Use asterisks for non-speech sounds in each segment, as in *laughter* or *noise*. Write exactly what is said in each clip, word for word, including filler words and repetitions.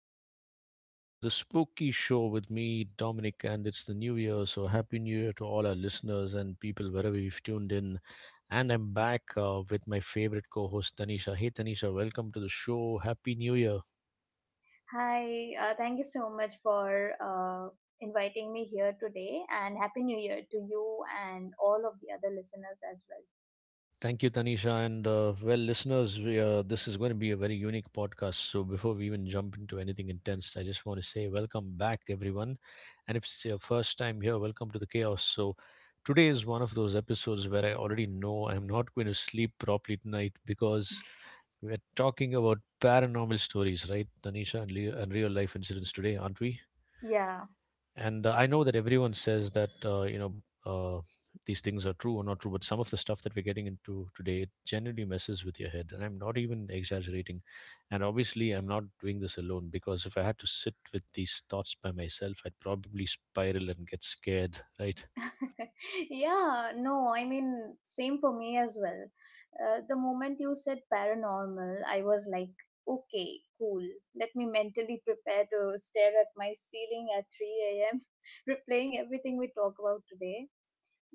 are. Welcome to the Spooky Show with me, Dominic, and it's the new year, so happy new year to all our listeners and people wherever you've tuned in. And I'm back uh, with my favorite co host, Tanisha. Hey Tanisha, welcome to the show. Happy new year. Hi, uh, thank you so much for uh, inviting me here today, and Happy New Year to you and all of the other listeners as well. Thank you, Tanisha. And uh, well, listeners, we, uh, this is going to be a very unique podcast. So before we even jump into anything intense, I just want to say welcome back, everyone. And if it's your first time here, welcome to the chaos. So today is one of those episodes where I already know I'm not going to sleep properly tonight because we're talking about paranormal stories, right, Tanisha, and, le- and real life incidents today, aren't we? Yeah. And uh, I know that everyone says that uh, you know uh, these things are true or not true, but some of the stuff that we're getting into today, it genuinely messes with your head, and I'm not even exaggerating. And obviously I'm not doing this alone, because if I had to sit with these thoughts by myself, I'd probably spiral and get scared. *laughs* Right. *laughs* Yeah, no, I mean, same for me as well. Uh, the moment you said paranormal, I was like, okay, cool. Let me mentally prepare to stare at my ceiling at three a m, *laughs* replaying everything we talk about today.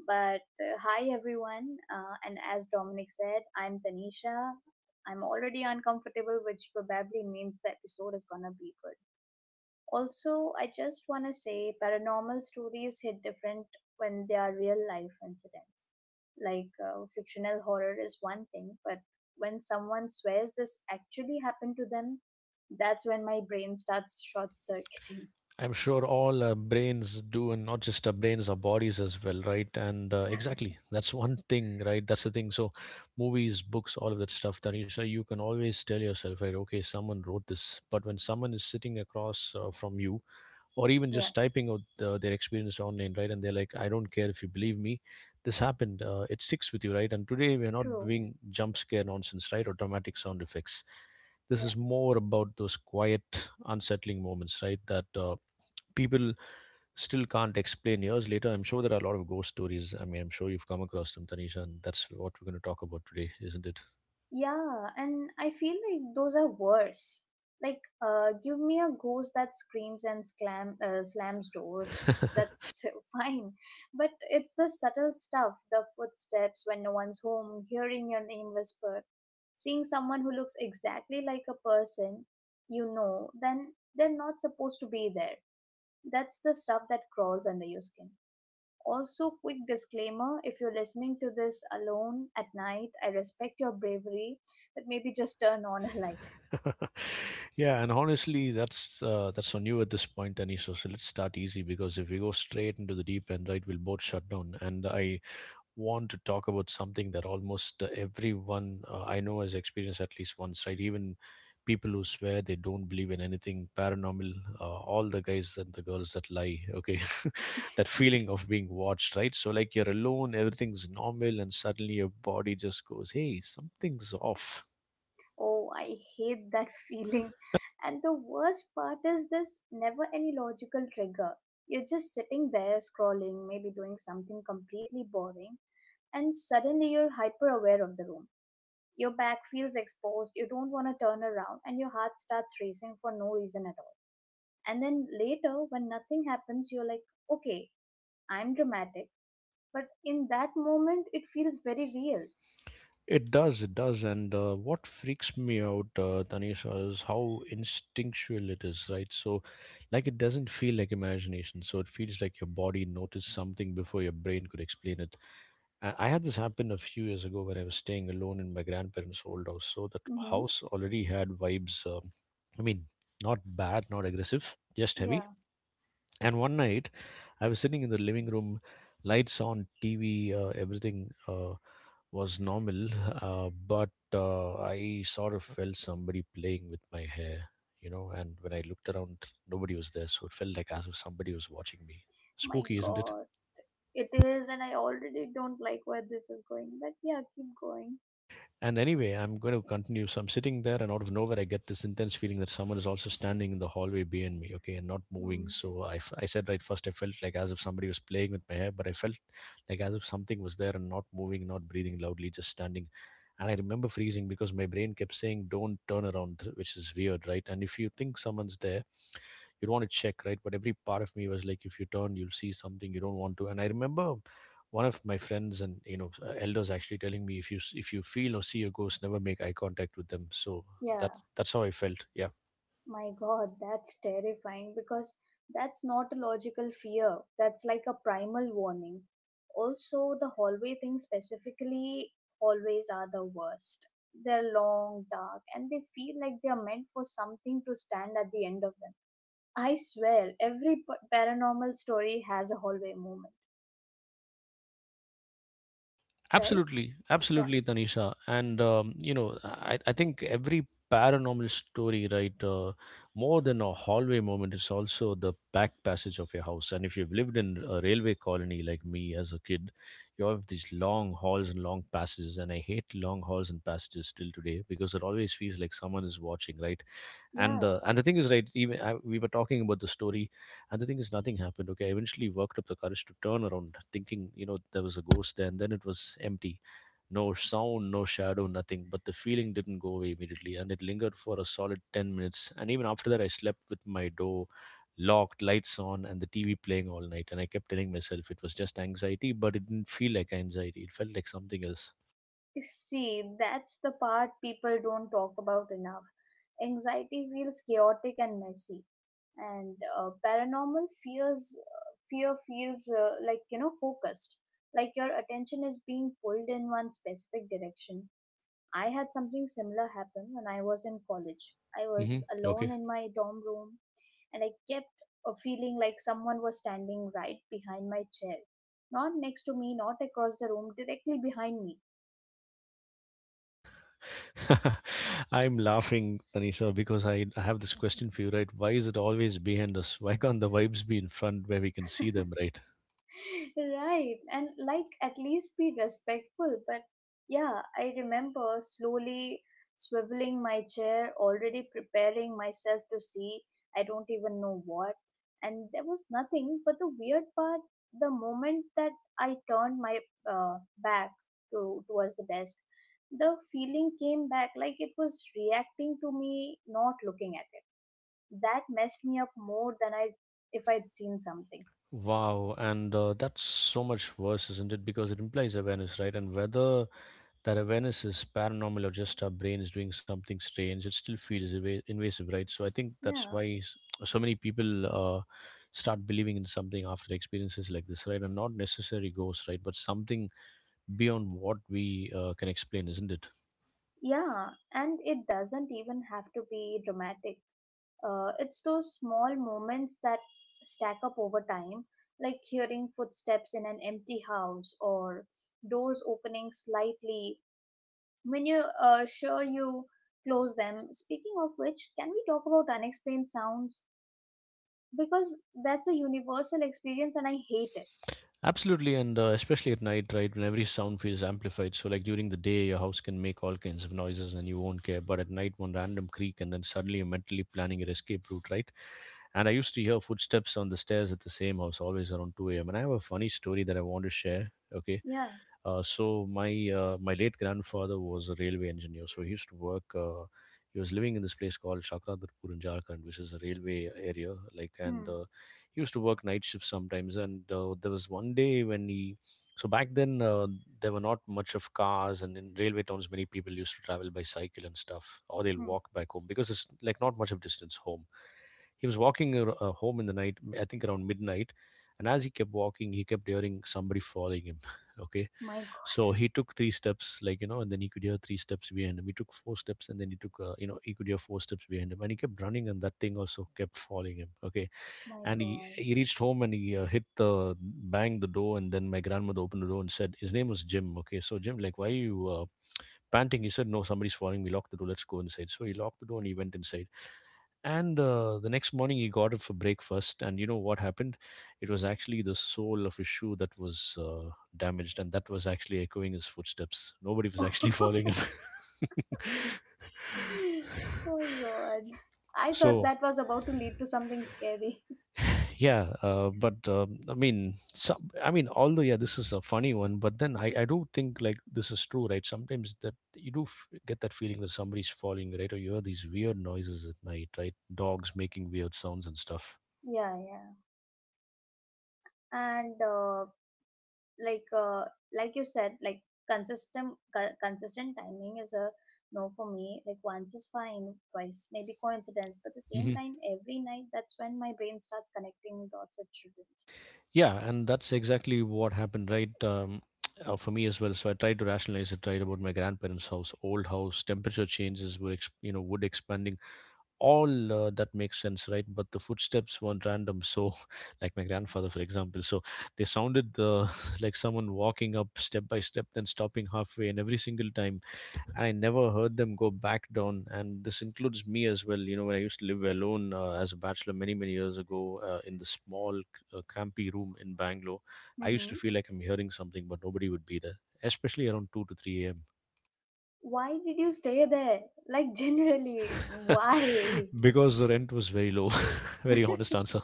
But uh, hi everyone, uh, and as Dominic said, I'm Tanisha. I'm already uncomfortable, which probably means the episode is gonna be good. Also, I just wanna say paranormal stories hit different when they are real life incidents. Like uh, fictional horror is one thing, but when someone swears this actually happened to them, that's when my brain starts short circuiting. *laughs* I'm sure all uh, brains do, and not just our brains, our bodies as well, right? And uh, exactly, that's one thing, right? That's the thing. So, movies, books, all of that stuff, Tanisha, you can always tell yourself, right, okay, someone wrote this. But when someone is sitting across uh, from you, or even Yeah, just typing out uh, their experience online, right, and they're like, I don't care if you believe me, this happened, uh, it sticks with you, right? And today, we're not true. doing jump scare nonsense, right, or dramatic sound effects. This is more about those quiet, unsettling moments, right, that uh, people still can't explain years later. I'm sure there are a lot of ghost stories. I mean, I'm sure you've come across them, Tanisha, and that's what we're going to talk about today, isn't it? Yeah, and I feel like those are worse. Like, uh, give me a ghost that screams and slam, uh, slams doors. That's *laughs* fine. But it's the subtle stuff, the footsteps when no one's home, hearing your name whispered, seeing someone who looks exactly like a person you know, then they're not supposed to be there. That's the stuff that crawls under your skin. Also, quick disclaimer, if you're listening to this alone at night, I respect your bravery, but maybe just turn on a light. *laughs* Yeah, and honestly, that's uh, that's on you at this point, Tanisha. So let's start easy, because if we go straight into the deep end, right, we'll both shut down. And I want to talk about something that almost uh, everyone uh, I know has experienced at least once, right? Even people who swear they don't believe in anything paranormal, uh, all the guys and the girls that lie, okay? *laughs* That feeling of being watched, right? So, like, you're alone, everything's normal, and suddenly your body just goes, hey, something's off. Oh, I hate that *laughs* feeling. And the worst part is there's never any logical trigger. You're just sitting there scrolling, maybe doing something completely boring, and suddenly you're hyper aware of the room. Your back feels exposed, you don't want to turn around, and your heart starts racing for no reason at all. And then later, when nothing happens, you're like, okay, I'm dramatic, but in that moment it feels very real. It does, it does. And uh, what freaks me out, uh, Tanisha, is how instinctual it is, right? So, like, it doesn't feel like imagination. So, it feels like your body noticed something before your brain could explain it. I, I had this happen a few years ago when I was staying alone in my grandparents' old house. So, that Mm-hmm. house already had vibes. Um, I mean, not bad, not aggressive, just Yeah. heavy. And one night, I was sitting in the living room, lights on, T V, uh, everything. Uh, was normal, uh, but uh, I sort of felt somebody playing with my hair, you know, and when I looked around, nobody was there, so it felt like as if somebody was watching me. My Spooky, isn't it? god, it is, and I already don't like where this is going, but yeah, keep going. And anyway, I'm going to continue. So I'm sitting there, and out of nowhere, I get this intense feeling that someone is also standing in the hallway behind me, okay, and not moving. Hmm. So I, f- I said right first, I felt like as if somebody was playing with my hair, but I felt like as if something was there and not moving, not breathing loudly, just standing. And I remember freezing because my brain kept saying, don't turn around, which is weird, right? And if you think someone's there, you'd want to check, right? But every part of me was like, if you turn, you'll see something you don't want to. And I remember one of my friends, and you know, uh, elders actually telling me, if you if you feel or see a ghost, never make eye contact with them. So Yeah, that's that's how I felt, yeah. my god, that's terrifying, because that's not a logical fear, that's like a primal warning. Also, the hallway thing specifically, hallways are the worst. They're long, dark, and they feel like they are meant for something to stand at the end of them. I swear, every p- paranormal story has a hallway moment, right? Absolutely, Yeah, absolutely, Tanisha. And um, you know, I, I think every paranormal story, right, uh, more than a hallway moment, is also the back passage of your house. And if you've lived in a railway colony like me as a kid, you have these long halls and long passages. And I hate long halls and passages till today because it always feels like someone is watching, right? and yeah. the and the thing is, right, even I, we were talking about the story, and the thing is, nothing happened. Okay, I eventually worked up the courage to turn around, thinking, you know, there was a ghost there, and then it was empty. No sound, no shadow, nothing. But the feeling didn't go away immediately, and it lingered for a solid ten minutes. And even after that, I slept with my door locked, lights on, and the TV playing all night. And I kept telling myself it was just anxiety, but it didn't feel like anxiety, it felt like something else. See, that's the part people don't talk about enough. Anxiety feels chaotic and messy, and uh, paranormal fears uh, fear feels uh, like, you know, focused, like your attention is being pulled in one specific direction. I had something similar happen when I was in college. I was Hmm. alone Okay. in my dorm room, and I kept a feeling like someone was standing right behind my chair. Not next to me, not across the room, directly behind me. *laughs* I'm laughing, Tanisha, because I I have this question for you, right? Why is it always behind us? Why can't the vibes be in front where we can see them, *laughs* right? Right, and like, at least be respectful. But yeah, I remember slowly swiveling my chair, already preparing myself to see, I don't even know what. And there was nothing, but the weird part, the moment that I turned my uh, back to towards the desk, the feeling came back, like it was reacting to me not looking at it. That messed me up more than I if I'd seen something. Wow, and uh, that's so much worse, isn't it? Because it implies awareness, right? And whether that awareness is paranormal or just our brain is doing something strange, it still feels eva- invasive, right? So I think that's Yeah. why s- so many people uh, start believing in something after experiences like this, right? And not necessarily ghosts, right? But something beyond what we uh, can explain, isn't it? Yeah, and it doesn't even have to be dramatic. Uh, it's those small moments that stack up over time, like hearing footsteps in an empty house, or doors opening slightly when you're uh, sure you close them. Speaking of which, can we talk about unexplained sounds? Because that's a universal experience and I hate it. Absolutely, and uh, especially at night, right, when every sound feels amplified. So, like during the day, your house can make all kinds of noises and you won't care. But at night, one random creak, and then suddenly you're mentally planning your escape route, right? And I used to hear footsteps on the stairs at the same house, always around two a m. And I have a funny story that I want to share, okay? Yeah. Uh, so my uh, my late grandfather was a railway engineer. So he used to work. Uh, he was living in this place called Chakradurpur in Jharkhand, which is a railway area. Like, and Hmm. uh, he used to work night shifts sometimes. And uh, there was one day when he, so back then uh, there were not much of cars, and in railway towns many people used to travel by cycle and stuff, or they'll Hmm. walk back home because it's like not much of distance home. He was walking ar- uh, home in the night, I think around midnight, and as he kept walking, he kept hearing somebody following him, okay? My God. So he took three steps, like, you know, and then he could hear three steps behind him. He took four steps, and then he took, uh, you know, he could hear four steps behind him. And he kept running, and that thing also kept following him, okay? And he My he reached home, and he uh, hit the banged the door, and then my grandmother opened the door and said, his name was Jim, okay, so Jim, like, why are you uh, panting? He said, no, somebody's following me, lock the door, let's go inside. So he locked the door, and he went inside. And uh, the next morning he got it for breakfast, and you know what happened? It was actually the sole of his shoe that was uh, damaged, and that was actually echoing his footsteps. Nobody was *laughs* actually God. following *laughs* him. *laughs* Oh my god. *laughs* I thought So that was about to lead to something scary. *laughs* yeah, uh, but um, i mean some, I mean, although, yeah, this is a funny one, but then, I, I do think, like, this is true, right, sometimes, that you do f- get that feeling that somebody's following you, right? Or you hear these weird noises at night, right, dogs making weird sounds and stuff. Yeah, yeah. And uh, like, uh, like you said, like consistent co- consistent timing is a no for me. Like, once is fine, twice maybe coincidence, but the same Hmm. time every night, that's when my brain starts connecting dots it shouldn't. Yeah, and that's exactly what happened, right? Um, uh, for me as well. So I tried to rationalize it, right, about my grandparents' house, old house, temperature changes were, ex- you know, wood expanding. All uh, that makes sense, right? But the footsteps weren't random. So, *laughs* like my grandfather, for example, so they sounded uh, *laughs* like someone walking up step by step, then stopping halfway, and every single time. And I never heard them go back down. And this includes me as well. You know, when I used to live alone uh, as a bachelor many, many years ago uh, in the small, uh, crampy room in Bangalore, I used to Mm-hmm. feel like I'm hearing something, but nobody would be there, especially around two to three a m Why did you stay there? Like, *laughs* generally, why? *laughs* Because the rent was very low. *laughs* Very honest answer.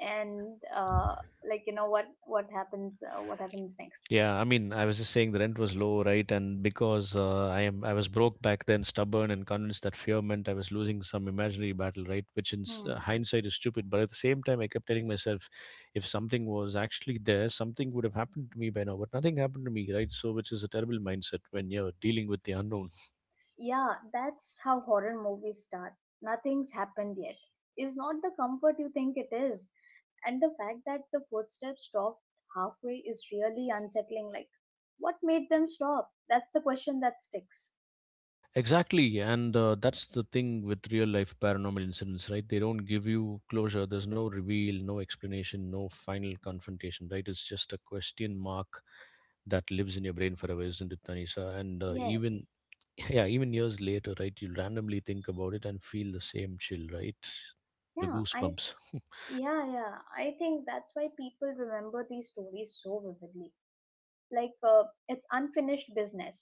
And uh, like, you know, what what happens uh, what happens next? Yeah, I mean, I was just saying the rent was low, right? And because uh, I am, I was broke back then, stubborn and convinced that fear meant I was losing some imaginary battle, right? Which in s- uh, Hmm. hindsight is stupid, but at the same time, I kept telling myself, if something was actually there, something would have happened to me by now. But nothing happened to me, right? So, which is a terrible mindset when you're dealing with the unknown. Yeah, that's how horror movies start. Nothing's happened yet is not the comfort you think it is. And the fact that the footsteps stopped halfway is really unsettling. Like, what made them stop? That's the question that sticks. Exactly, and uh, that's the thing with real life paranormal incidents, right? They don't give you closure. There's no reveal, no explanation, no final confrontation, right? It's just a question mark that lives in your brain forever, isn't it, Tanisha? And uh, even Yes. *laughs* yeah, even years later, right? You randomly think about it and feel the same chill, right? The Yeah, I. goosebumps. *laughs* Yeah, yeah. I think that's why people remember these stories so vividly. Like, uh, it's unfinished business.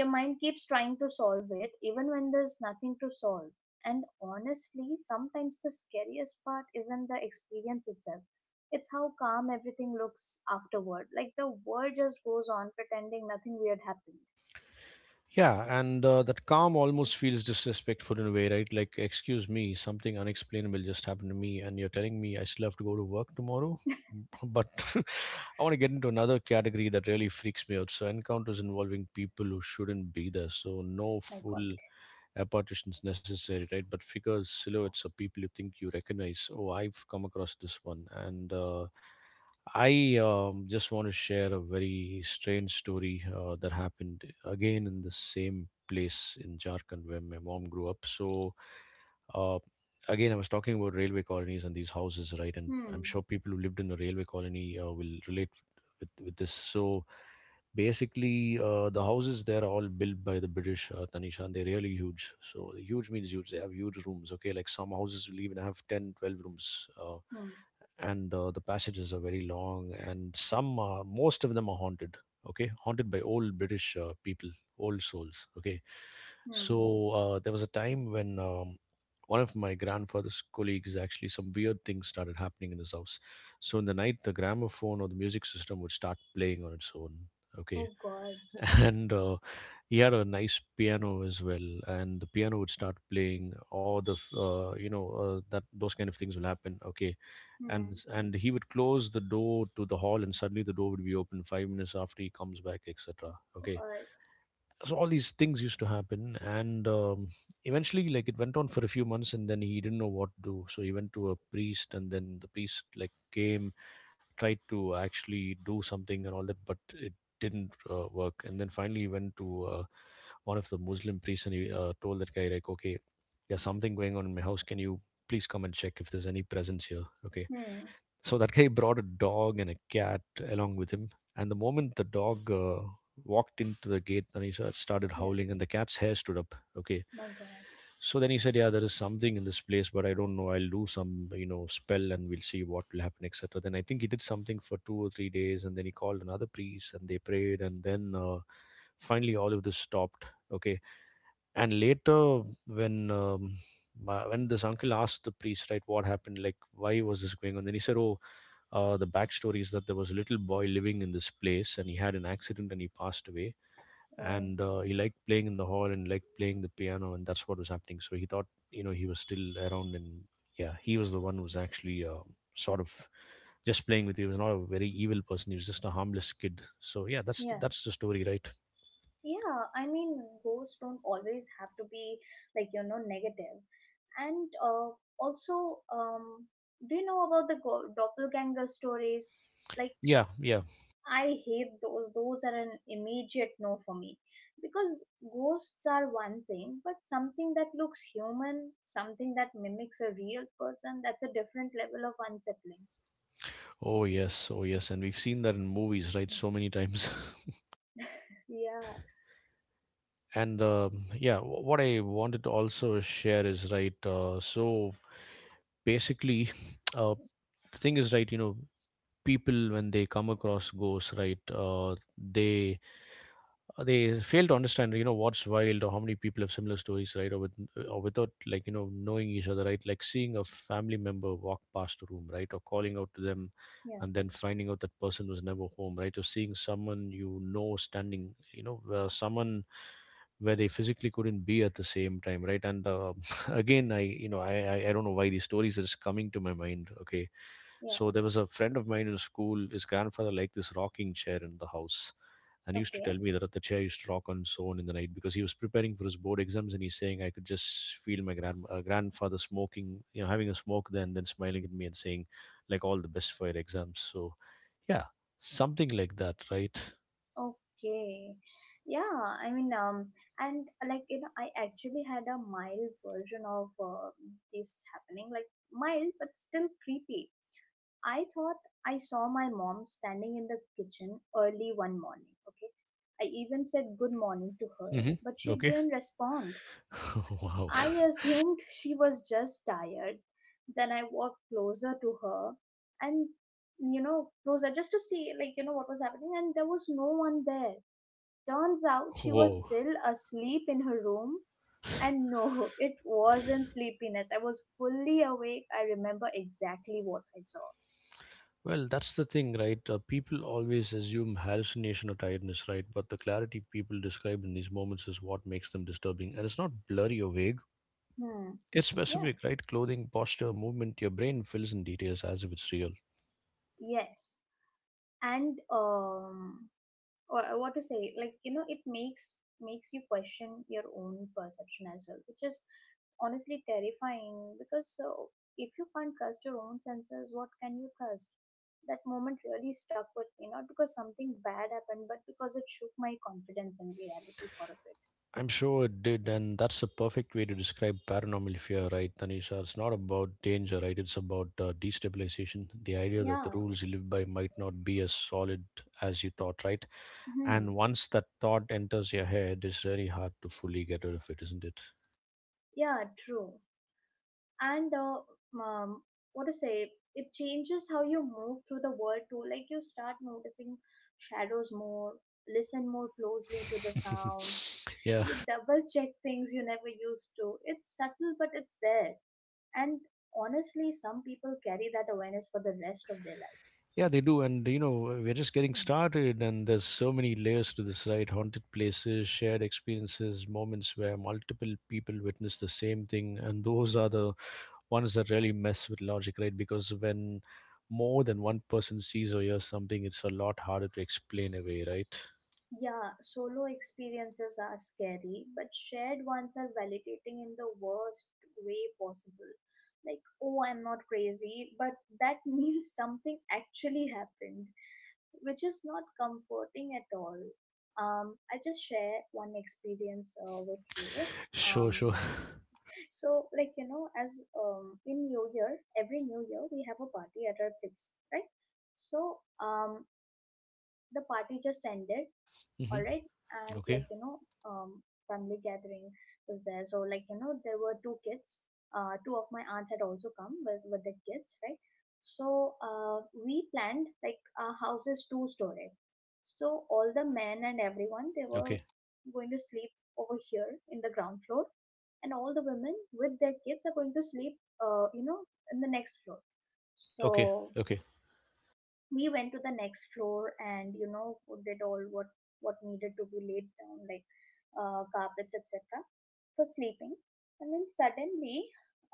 Your mind keeps trying to solve it even when there's nothing to solve. And honestly, sometimes the scariest part isn't the experience itself, it's how calm everything looks afterward. Like the world just goes on pretending nothing weird happened. Yeah, and uh, that calm almost feels disrespectful in a way, right? Like, excuse me, something unexplainable just happened to me, and you're telling me I still have to go to work tomorrow? *laughs* But *laughs* I want to get into another category that really freaks me out. So, encounters involving people who shouldn't be there. So, no My god. full apparitions necessary, right? But figures, silhouettes of people you think you recognize. Oh, I've come across this one, and uh, I um, just want to share a very strange story uh, that happened again in the same place in Jharkhand where my mom grew up. So, uh, again, I was talking about railway colonies and these houses, right? And I'm Hmm. sure people who lived in a railway colony uh, will relate with, with this. So, basically, uh, the houses there are all built by the British, uh, Tanisha, and they're really huge. So huge means huge. They have huge rooms. Okay, like some houses will even have ten, twelve rooms. Uh, hmm. and uh, The passages are very long and some are, most of them are haunted. Okay, haunted by old British uh, people, old souls. Okay, Hmm. so uh, there was a time when um, one of my grandfather's colleagues, actually some weird things started happening in his house. So in the night, the gramophone or the music system would start playing on its own. Okay. Oh god. *laughs* And uh, he had a nice piano as well, and the piano would start playing all the uh, you know uh, that, those kind of things will happen. Okay, and Hmm. and he would close the door to the hall and suddenly the door would be open five minutes after he comes back, etc. Okay, God. so all these things used to happen, and um, eventually, like, it went on for a few months, and then he didn't know what to do, so he went to a priest, and then the priest, like, came, tried to actually do something and all that, but it didn't uh, work. And then finally, he went to uh, one of the Muslim priests, and he uh, told that guy, like, okay, there's something going on in my house. Can you please come and check if there's any presence here? Okay, Hmm. so that guy brought a dog and a cat along with him. And the moment the dog uh, walked into the gate, and he sa- started Yeah. howling, and the cat's hair stood up. Okay. My god. So then he said, "Yeah, there is something in this place, but I don't know. I'll do some, you know, spell, and we'll see what will happen, etc" Then I think he did something for two or three days, and then he called another priest, and they prayed, and then uh, finally all of this stopped. Okay, and later when um, my, when this uncle asked the priest, right, what happened, like, why was this going on, then he said, oh, uh, the backstory is that there was a little boy living in this place, and he had an accident and he passed away. Oh. And uh, he liked playing in the hall and liked playing the piano, and that's what was happening. So he thought, you know, he was still around, and yeah, he was the one who was actually uh, sort of just playing with you. He was not a very evil person, he was just a harmless kid. So yeah, that's Yeah, that's the story, right? yeah. I mean, ghosts don't always have to be, like, you know, negative. And uh, also, um, do you know about the go- doppelganger stories? Like, Yeah, yeah. I hate those. Those are an immediate no for me. Because ghosts are one thing, but something that looks human, something that mimics a real person, that's a different level of unsettling. Oh yes, oh yes, and we've seen that in movies, right, so many times. Yeah, *laughs* And um, yeah, wh- what I wanted to also share is, right. Uh, so basically, *laughs* *tsk* uh, the thing is, right. You know, people, when they come across ghosts, right, uh, they uh, they fail to understand, you know, what's wild, or how many people have similar stories, right, or with or without, like, you know, knowing each other, right, like seeing a family member walk past a room, right, or calling out to them yeah, and then finding out that person was never home, right, or seeing someone you know standing, you know, where someone, where they physically couldn't be at the same time, right. And uh, *laughs* again I you know I, I I don't know why these stories is coming to my mind. Okay, yeah. so there was a friend of mine in school. His grandfather liked this rocking chair in the house, and he used to Okay. tell me that the chair used to rock on its own in the night, because he was preparing for his board exams, and he's saying I could just feel my grand uh, grandfather smoking, you know, having a smoke then, then smiling at me and saying, like, all the best for your exams. So yeah, something like that, right? Okay. Yeah, I mean, um, and uh, like, you know, I actually had a mild version of uh, this happening. Like, mild but still creepy. I thought I saw my mom standing in the kitchen early one morning, okay? I even said good morning to her, Hmm. but she Okay. didn't respond. *laughs* Wow. I assumed *laughs* she was just tired. Then I walked closer to her, and, you know, closer, just to see, like, you know, what was happening, and there was no one there. Turns out *laughs* she was Whoa. still asleep in her room. And *laughs* no, it wasn't sleepiness. I was fully awake. I remember exactly what I saw. Well, that's the thing, right? Uh, people always assume hallucination or tiredness, right? But the clarity people describe in these moments is what makes them disturbing. And it's not blurry or vague, Hmm. it's Yeah. specific, right? Clothing, posture, movement, your brain fills in details as if it's real. Yes. And um uh, what to say, like, you know, it makes makes you question your own perception as well, which is honestly terrifying, because so, if you can't trust your own senses, what can you trust? That moment really stuck with me, not because something bad happened, but because it shook my confidence in reality for a bit. I'm sure it did, and that's the perfect way to describe paranormal fear, right, Tanisha? It's not about danger, right? It's about uh, destabilization. The idea that the Yeah. rules you live by might not be as solid as you thought, right? Hmm. And once that thought enters your head, it's very hard to fully get rid of it, isn't it? Yeah, true. And uh, um, what to say, it changes how you move through the world too. Like, you start noticing shadows more, listen more closely to the sounds, *laughs* Yeah. you double check things you never used to. It's subtle, but it's there. And honestly, some people carry that awareness for the rest of their lives. Yeah, they do. And, you know, we're just getting started, and there's so many layers to this, right? Haunted places, shared experiences, moments where multiple people witness the same thing. And those are the ones that really mess with logic, right? Because when more than one person sees or hears something, it's a lot harder to explain away, right? Yeah, solo experiences are scary, but shared ones are validating in the worst way possible. Like, oh, I'm not crazy, but that *laughs* means something actually happened, which is not comforting at all. Um, I just share one experience uh, with you. Sure, Um, sure. so, like, you know, as um in New Year, every New Year, we have a party at our place, right? So, um, the party just ended, *laughs* all Hmm. right, and, Okay, like, you know, um family gathering was there. So, like, you know, there were two kids, uh two of my aunts had also come with with their kids, right? So uh we planned, like, our house is two story, so all the men and everyone, they okay, were going to sleep over here in the ground floor, and all the women with their kids are going to sleep, uh you know, in the next floor. okay, So okay. we went to the next floor and, you know, did all what what needed to be laid down, like, uh, carpets, etc., for sleeping. And then suddenly,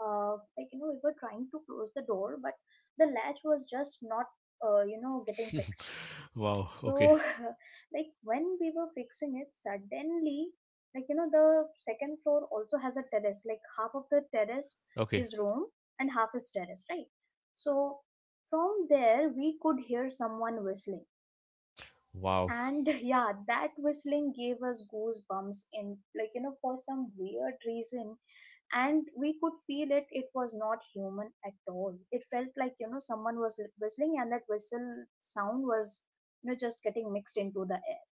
uh, like, you know, we were trying to close the door, but the latch was just not, uh, you know, getting *laughs* fixed. Wow. Okay. So *laughs* like, when we were fixing it, suddenly, like, you know, the second floor also has a terrace, like half of the terrace Okay. is room and half is terrace, right? So, from there, we could hear someone whistling. Wow. And *laughs* yeah, that whistling gave us goosebumps, in, like, you know, for some weird reason. And we could feel it, it was not human at all. It felt like, you know, someone was whistling, and that whistle sound was, you know, just getting mixed into the air.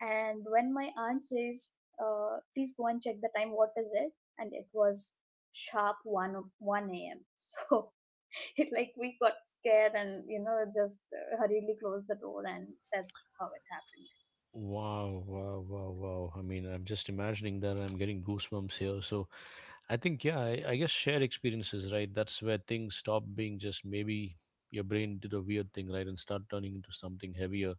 And when my aunt says, uh, please go and check the time, what is it? And it was sharp 1 o- one a m. *laughs* So *laughs* like, we got scared, and, you know, just uh, hurriedly closed the door, and that's how it happened. Wow, wow, wow, wow. I mean, I'm just imagining that I'm getting goosebumps here. So I think, yeah, I, I guess shared experiences, right? That's where things stop being just maybe your brain did a weird thing, right, and start turning into something heavier.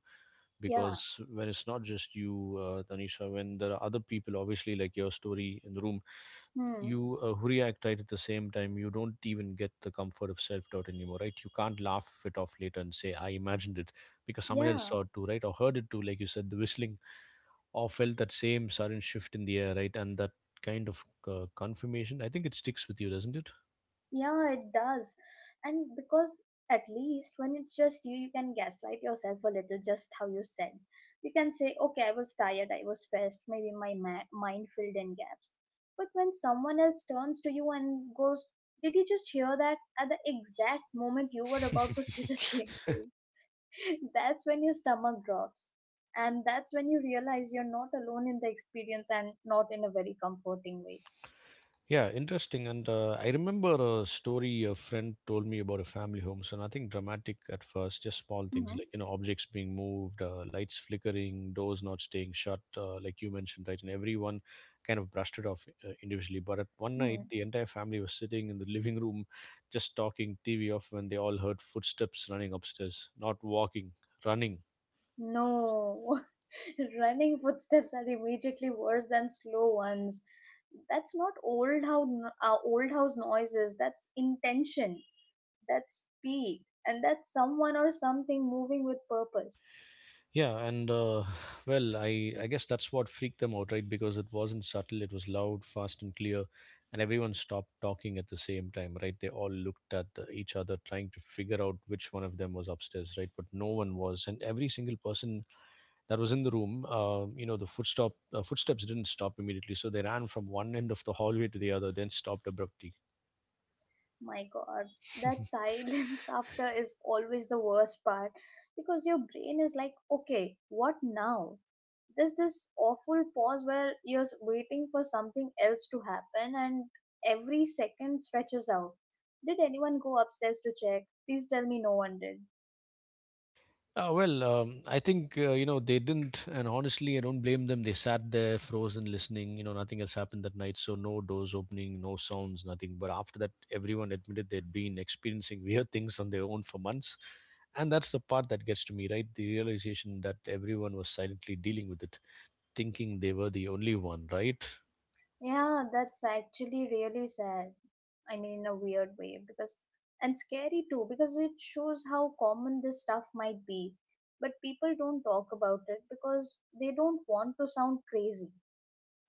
Yeah. Because when it's not just you, uh, Tanisha, when there are other people, obviously, like your story in the room, Hmm. you uh, who react, right, at the same time, you don't even get the comfort of self doubt anymore, right? You can't laugh it off later and say, I imagined it, because someone else Yeah. saw it too, right? Or heard it too, like you said, the whistling, or felt that same sudden shift in the air, right? And that kind of uh, confirmation, I think it sticks with you, doesn't Yeah, it does. And because, at least when it's just you, you can gaslight yourself a little, just how you said. You can say, okay, I was tired, I was stressed, maybe my ma- mind filled in gaps. But when someone else turns to you and goes, did you just hear that? At the exact moment you were about to say the *laughs* it? same *laughs* thing, that's when your stomach drops. And that's when you realize you're not alone in the experience, and not in a very comforting way. Yeah, interesting. And uh, I remember a story a friend told me about a family home. So nothing dramatic at first, just small things Mm-hmm. like, you know, objects being moved, uh, lights flickering, doors not staying shut, uh, like you mentioned, right? And everyone kind of brushed it off uh, individually. But at one Hmm. night, the entire family was sitting in the living room, just talking, T V off, when they all heard footsteps running upstairs, not walking, running. No, *laughs* running footsteps are immediately worse than slow ones. That's not old house, uh, old house noises. That's intention. That's speed, and that's someone or something moving with purpose. Yeah, and uh, *sighs* well, I I guess that's what freaked them out, right? Because it wasn't subtle; it was loud, fast, and clear, and everyone stopped talking at the same time, right? They all looked at uh, each other, trying to figure out which one of them was upstairs, right? But no one was, and every single person that was in the room, uh, you know, the footstop uh, footsteps didn't stop immediately, so they ran from one end of the hallway to the other, then stopped abruptly. My god, that *laughs* silence *laughs* after is always the worst part because your brain is like, okay, what now? There's this awful pause where you're s- waiting for something else to happen and every second stretches out. Did anyone go upstairs to check? Please tell me no one did. Uh, well, um, I think uh, you know they didn't, and honestly, I don't blame them. They sat there frozen, listening. You know, nothing else happened that night, so no doors opening, no sounds, nothing. But after that, everyone admitted they'd been experiencing *laughs* weird things on their own for months, and that's the part that gets to me, right? The realization that everyone was silently dealing with it, thinking they were the only one, right? Yeah, that's actually really sad. I mean, in a weird way, because and scary too, because it shows how common this stuff might be. But people don't talk about it because they don't want to sound crazy.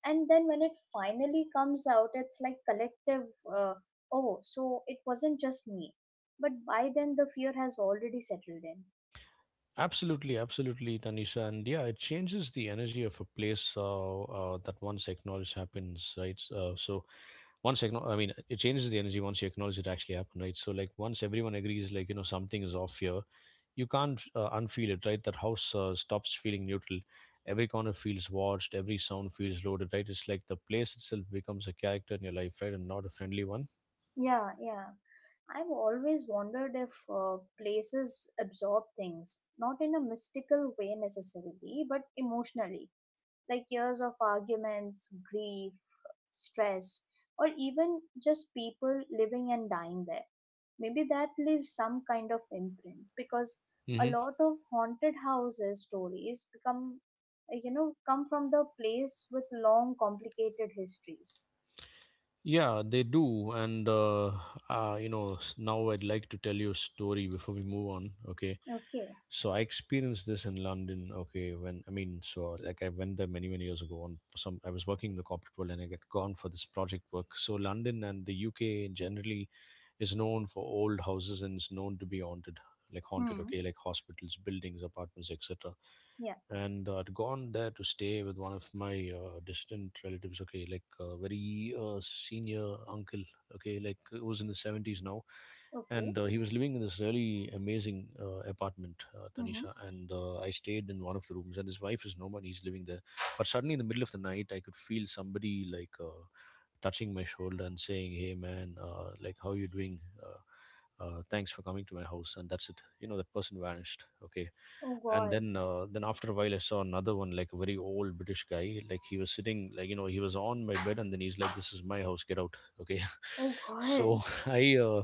And then when it finally comes out, it's like collective, uh, oh, so it wasn't just me. But by then, the fear has already settled in. Absolutely, absolutely, Tanisha, and yeah, it changes the energy of a place uh, uh, that once acknowledged happens, right? Uh, so once acknow- i mean it changes the energy once you acknowledge it actually happened, right? So like once everyone agrees, like, you know, something is off here, you can't uh, unfeel it, right? That house uh, stops feeling neutral. Every corner feels watched, every sound feels loaded, right? It's like the place itself becomes a character in your life, right? And not a friendly one. Yeah, yeah. I've always wondered if uh, places absorb things, not in a mystical way necessarily, but emotionally like years of arguments, grief, stress, or even just people living and dying there. Maybe that leaves some kind of imprint because a Hmm, lot of haunted houses stories become, uh, you know, come from the place with long, complicated histories. yeah they do, and uh, uh you know, s- now I'd like to tell you a story before we move on, okay? Okay. So I experienced this in London. Okay, when I mean, so like I went there many many years ago. On some, I was working in the corporate world, and I got gone for this project work. So London and the U K generally is known for old houses and is known to be haunted, like haunted, Hmm. okay, like hospitals, buildings, apartments, et cetera. Yeah. And uh, I'd gone there to stay with one of my uh, distant relatives, okay, like a very uh, senior uncle, okay, like it was in the seventies now. Okay. And uh, he was living in this really amazing uh, apartment, uh, Mm-hmm. Tanisha. And uh, I stayed in one of the rooms, and his wife is no one, he's living there. But suddenly, in the middle of the night, I could feel somebody like uh, touching my shoulder and saying, "Hey, man, uh, like how you doing? Uh, uh, thanks for coming to my house." And that's it. You know, the person vanished. Okay, Oh and God. then uh, then after a while, I saw another one, like a very old British guy. Like he was sitting, like you know, he was on my bed, and then he's like, "This is my house. Get out." Okay, Oh *laughs* God. so I. Uh,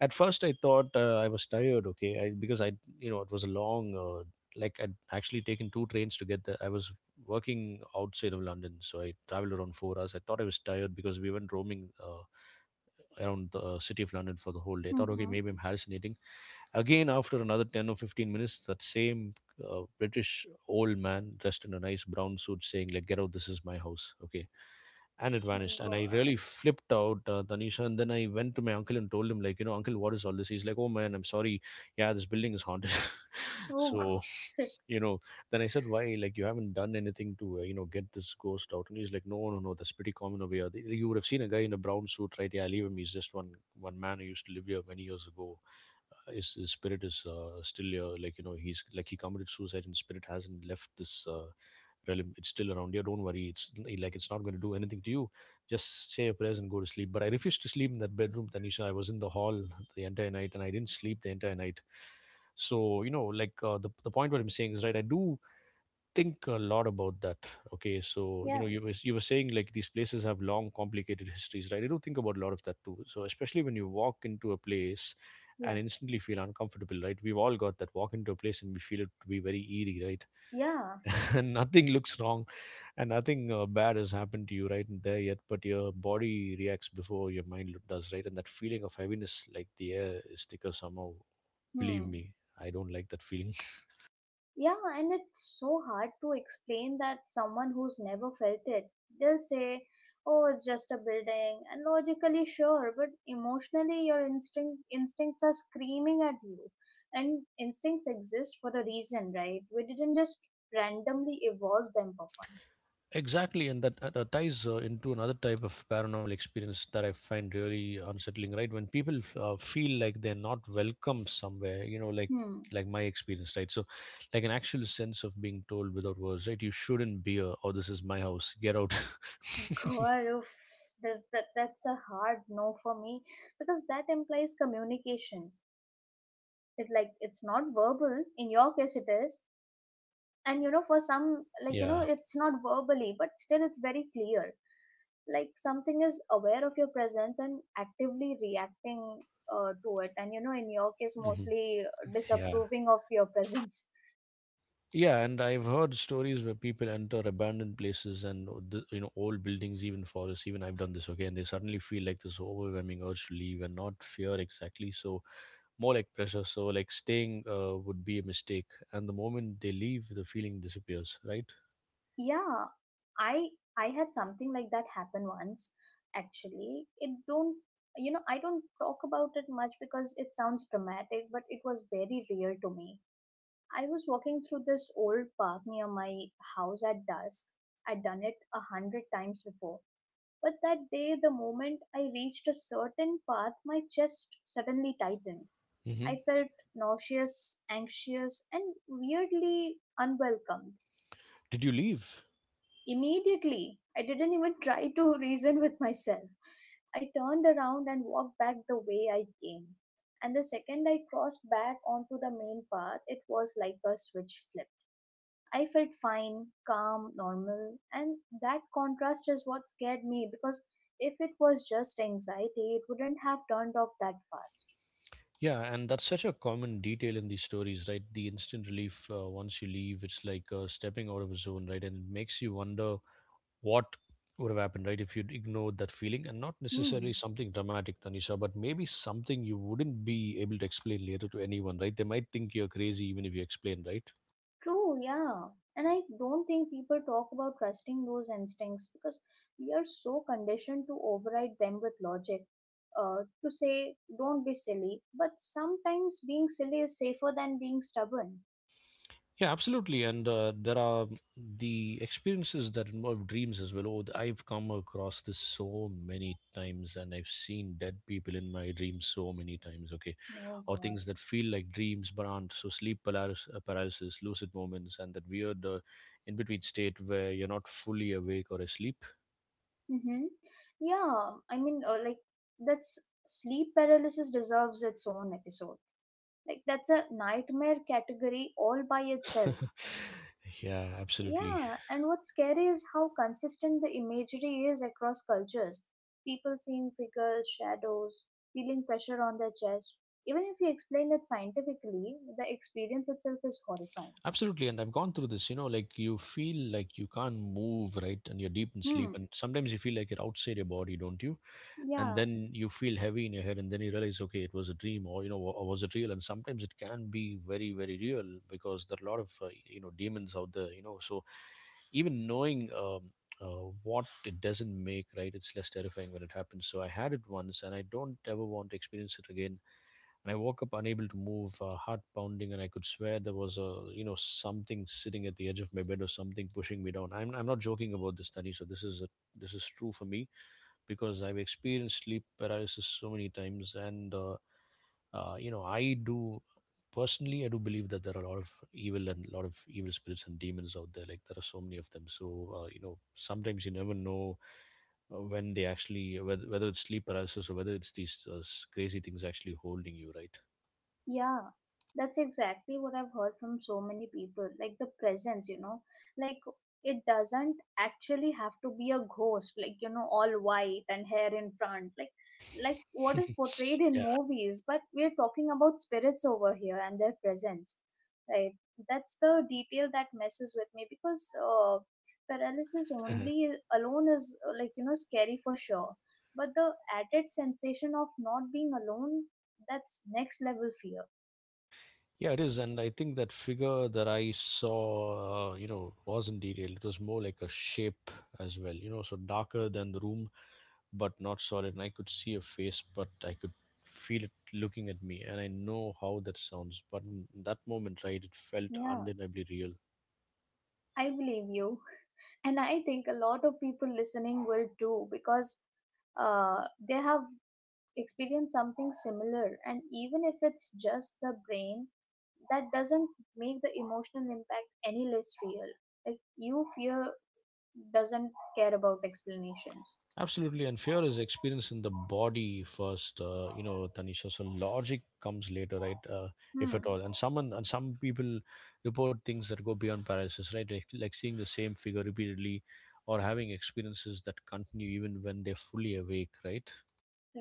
At first I thought uh, I was tired, okay, I, because I, you know, it was a long uh, like I'd actually taken two trains to get there. I was working outside of London, so I traveled around four hours. I thought I was tired because we went roaming uh, around the uh, city of London for the whole day. I thought, okay, Mm-hmm. maybe I'm hallucinating. Again, after another ten or fifteen minutes, that same uh, British old man dressed in a nice brown suit saying, like, get out, this is my house. Okay. And it Oh vanished. And I really God. flipped out, uh, Tanisha. And then I went to my uncle and told him, like, you know, uncle, what is all this? He's like, oh man, I'm sorry. Yeah, this building is haunted. *laughs* Oh *laughs* So, God. you know, then I said, why? Like, you haven't done anything to, uh, you know, get this ghost out. And he's like, no, no, no, that's pretty common over here. You would have seen a guy in a brown suit, right? Yeah, leave him. He's just one, one man who used to live here many years ago. Uh, his, his spirit is uh, still here. Like, you know, he's like, he committed suicide and spirit hasn't left this uh, realm. It's still around here. Don't worry. It's like, it's not going to do anything to you. Just say a prayers and go to sleep. But I refused to sleep in that bedroom, Tanisha. I was in the hall the entire night and I didn't sleep the entire night. So you know, like uh, the, the point what I'm saying is, right, I do think a lot about that. Okay, so you know, Yeah. you was you were saying like these places have long, complicated histories, right? I do think about a lot of that too. So especially when you walk into a place and Yeah. instantly feel uncomfortable, right? We've all got that. Walk into a place and we feel it to be very eerie, right? Yeah. *laughs* And nothing looks wrong, and nothing uh, bad has happened to you right in there yet, but your body reacts before your mind lo- does, right? And that feeling of heaviness, like the air is thicker somehow. Believe Hmm. me, I don't like that feeling. Yeah, and it's so hard to explain that someone who's never felt it. They'll say, "Oh, it's just a building." And logically sure, but emotionally your instinct instincts are screaming at you. And instincts exist for a reason, right? We didn't just randomly evolve them for fun. Exactly, and that uh, that ties uh, into another type of paranormal experience that I find really unsettling. Right, when people f- uh, feel like they're not welcome somewhere, you know, like Hmm. like my experience, right? So, like an actual sense of being told without words, right? You shouldn't be here, or this is my house. Get out. God, oof. This, that, that's a hard no for me because that implies communication. It like it's not verbal. In your case, it is, and you know for some, like, you know, *laughs* Yeah, it's not verbally but still it's very clear, like something is aware of your presence and actively reacting uh, to it, and you know in your case hmm, mostly yeah. disapproving of your presence. Yeah, and I've heard stories where people enter abandoned places and o- the, you know, old buildings, even forests. Even I've done this, okay, and they suddenly feel like this overwhelming urge to leave and not fear exactly. So more like pressure, so like staying uh, would be a mistake, and the moment they leave the feeling disappears, right? Yeah, i i had something like that happen once actually. It don't You know, I don't talk about it much because it sounds dramatic, but it was very real to me. I was walking through this old park near my house at dusk. I'd done it a hundred times before, but that day, the moment I reached a certain path, my chest suddenly tightened. Hmm. I felt nauseous, anxious, and weirdly unwelcomed. Did you leave? Immediately, I didn't even try to *laughs* reason with myself. I turned around and walked back the way I came. And the second I crossed back onto the main path, it was like a switch flipped. I felt fine, calm, normal, and that contrast is what scared me because if it was just anxiety, it wouldn't have turned off that fast. Yeah, and that's such a common detail in these stories, right? The instant relief uh, once you leave, it's like uh, stepping out of a zone, right? And it makes you wonder what would have happened, right, if you'd ignored that feeling, and not necessarily Hmm. something dramatic, Tanisha, but maybe something you wouldn't be able to explain later to anyone, right? They might think you're crazy even if you explain, right? True, yeah. And I don't think people talk about trusting those instincts because we are so conditioned to override them with logic. Uh, to say, don't be silly, but sometimes being silly is safer than being stubborn. Yeah, absolutely. And uh, there are the experiences that involve dreams as well. Oh, I've come across this so many times, and I've seen dead people in my dreams so many times. Okay, No, or God. things that feel like dreams but aren't. So sleep paralysis, uh, paralysis lucid moments, and that weird uh, in between state where you're not fully awake or asleep. Mm-hmm. Yeah, I mean, uh, like that's sleep paralysis deserves its own episode. Like that's a nightmare category all by itself. *laughs* Yeah, absolutely, Yeah, and what's scary is how consistent the imagery is across cultures. People seeing figures, shadows, feeling pressure on their chest. Even if you explain it scientifically, the experience itself is horrifying. absolutely. And I've gone through this. You know, like you feel like you can't move, right? And you're deep in sleep, Hmm. and sometimes you feel like you're outside your body, don't you? And Yeah, then you feel heavy in your head and then you realize, okay, it was a dream, or you know, or was it real? And sometimes it can be very, very real, because there are a lot of uh, you know, demons out there, you know. So even knowing um, uh, what it doesn't make, right, it's less terrifying when it happens. So I had it once and I don't ever want to experience it again. And I woke up unable to move, uh, heart pounding, and I could swear there was a, you know, something sitting at the edge of my bed or something pushing me down. i'm, I'm not joking about this study, so this is a, this is true for me because I've experienced sleep paralysis so many times, and uh, uh, you know, I do personally, I do believe that there are a lot of evil and a lot of evil spirits and demons out there. Like there are so many of them. So uh, you know, sometimes you never know uh, when they actually, whether, whether it's sleep paralysis or whether it's these uh, s- crazy things actually holding you, right? yeah, that's exactly what I've heard from so many people. Like the presence, you know, like it doesn't actually have to be a ghost, like, you know, all white and hair in front, like, like what is portrayed *laughs* in Yeah. movies, but we're talking about spirits over here and their presence, right? That's the detail that messes with me because uh, paralysis Mhm. only alone is, uh, like, you know, scary for sure. But the added sensation of not being alone, that's next level fear. Yeah, it is, and I think that figure that I saw, uh, you know, wasn't detailed. It was more like a shape as well, you know, so darker than the room, but not solid. And I could see a face, but I could feel it looking at me. And I know how that sounds, but in that moment, right, it felt Yeah, undeniably real. I believe you. And I think a lot of people listening will too because uh, they have experienced something similar. And even if it's just the brain, that doesn't make the emotional impact any less real. Like, you fear doesn't care about explanations. Absolutely, and fear is experienced in the body first, uh, you know, Tanisha. So logic comes later, right? Uh, if at Hmm. all. And someone and some people report things that go beyond paralysis, right? Like, like seeing the same figure repeatedly, or having experiences that continue even when they're fully awake, right?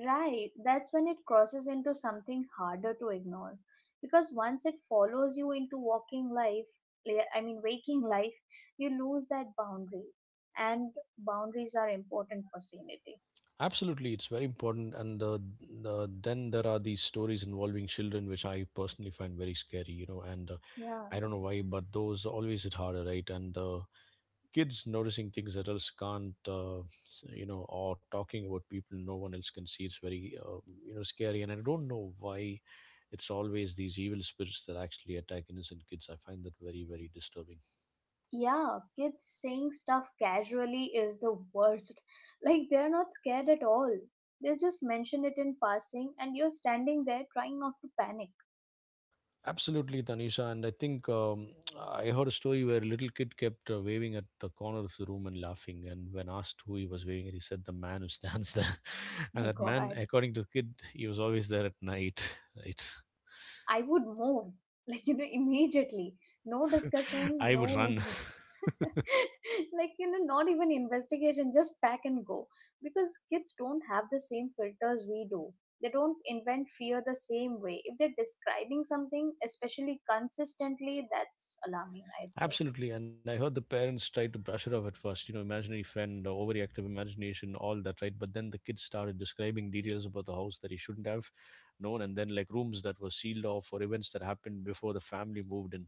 Right, that's when it crosses into something harder to ignore because once it follows you into walking life, eh, I mean waking *laughs* life, you lose that boundary, and boundaries are important for sanity. Absolutely, it's very important. And the, the, then there are these stories involving children, which I personally find very scary, you know. And uh, Yeah. I don't know why, but those always hit harder, right? And uh, kids noticing things that else can't, uh, s- you know, or talking about people no one else can see. It's very, uh, you know, scary. And I don't know why it's always these evil spirits that actually attack innocent kids. I find that very, very disturbing. Yeah, kids saying stuff casually is the worst. *laughs* Like they're not scared at all. They'll just mention it in passing and you're standing there trying not to panic. Absolutely, Tanisha. And I think um, I heard a story where a little kid kept uh, waving at the corner of the room and laughing. And when asked who he was waving at, he said, The man who stands there. *laughs* *laughs* And My that man, god. according to the kid, he was always there at night. Right. I would move, *laughs* like, you know, immediately. No *laughs* discussion, I would no, run. *laughs* like, you know, not even investigation, just pack and go. Because kids don't have the same filters we do. They don't invent fear the same way. If they're describing something, especially consistently, that's alarming, I'd say. Absolutely. And I heard the parents tried to brush it off at first, you know, imaginary friend, uh, overreactive imagination, all that, right? But then the kid started describing details about the house that he shouldn't have known, and then like rooms that were sealed off or events that happened before the family moved in.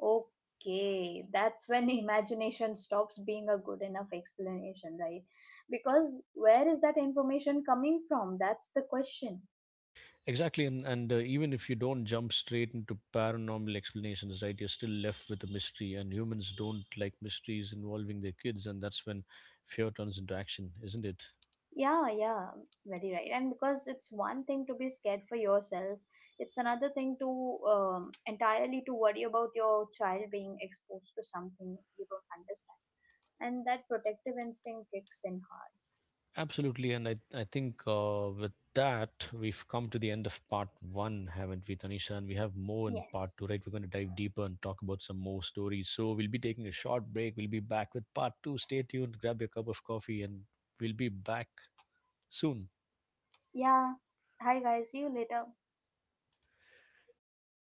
Okay, that's when *laughs* imagination stops being a good enough explanation, right? Because where is that information coming from? That's the question. Exactly, and and uh, even if you don't jump straight into paranormal explanations, right, you're still left with a mystery, and humans don't like mysteries involving their kids, and that's when fear turns into action, isn't it? Yeah, yeah, very right. And because it's one thing to be scared for yourself, it's another thing to, um, entirely, to worry about your child being exposed to something you don't understand. And that protective instinct kicks in hard. Absolutely, and I I think uh, with that we've come to the end of part one, haven't we, Tanisha? And we have more in Yes. part two, right? We're going to dive deeper and talk about some more stories. So we'll be taking a short break. We'll be back with part two. Stay tuned, grab your cup of coffee, and we'll be back soon. Yeah. Hi guys, see you later. Uh,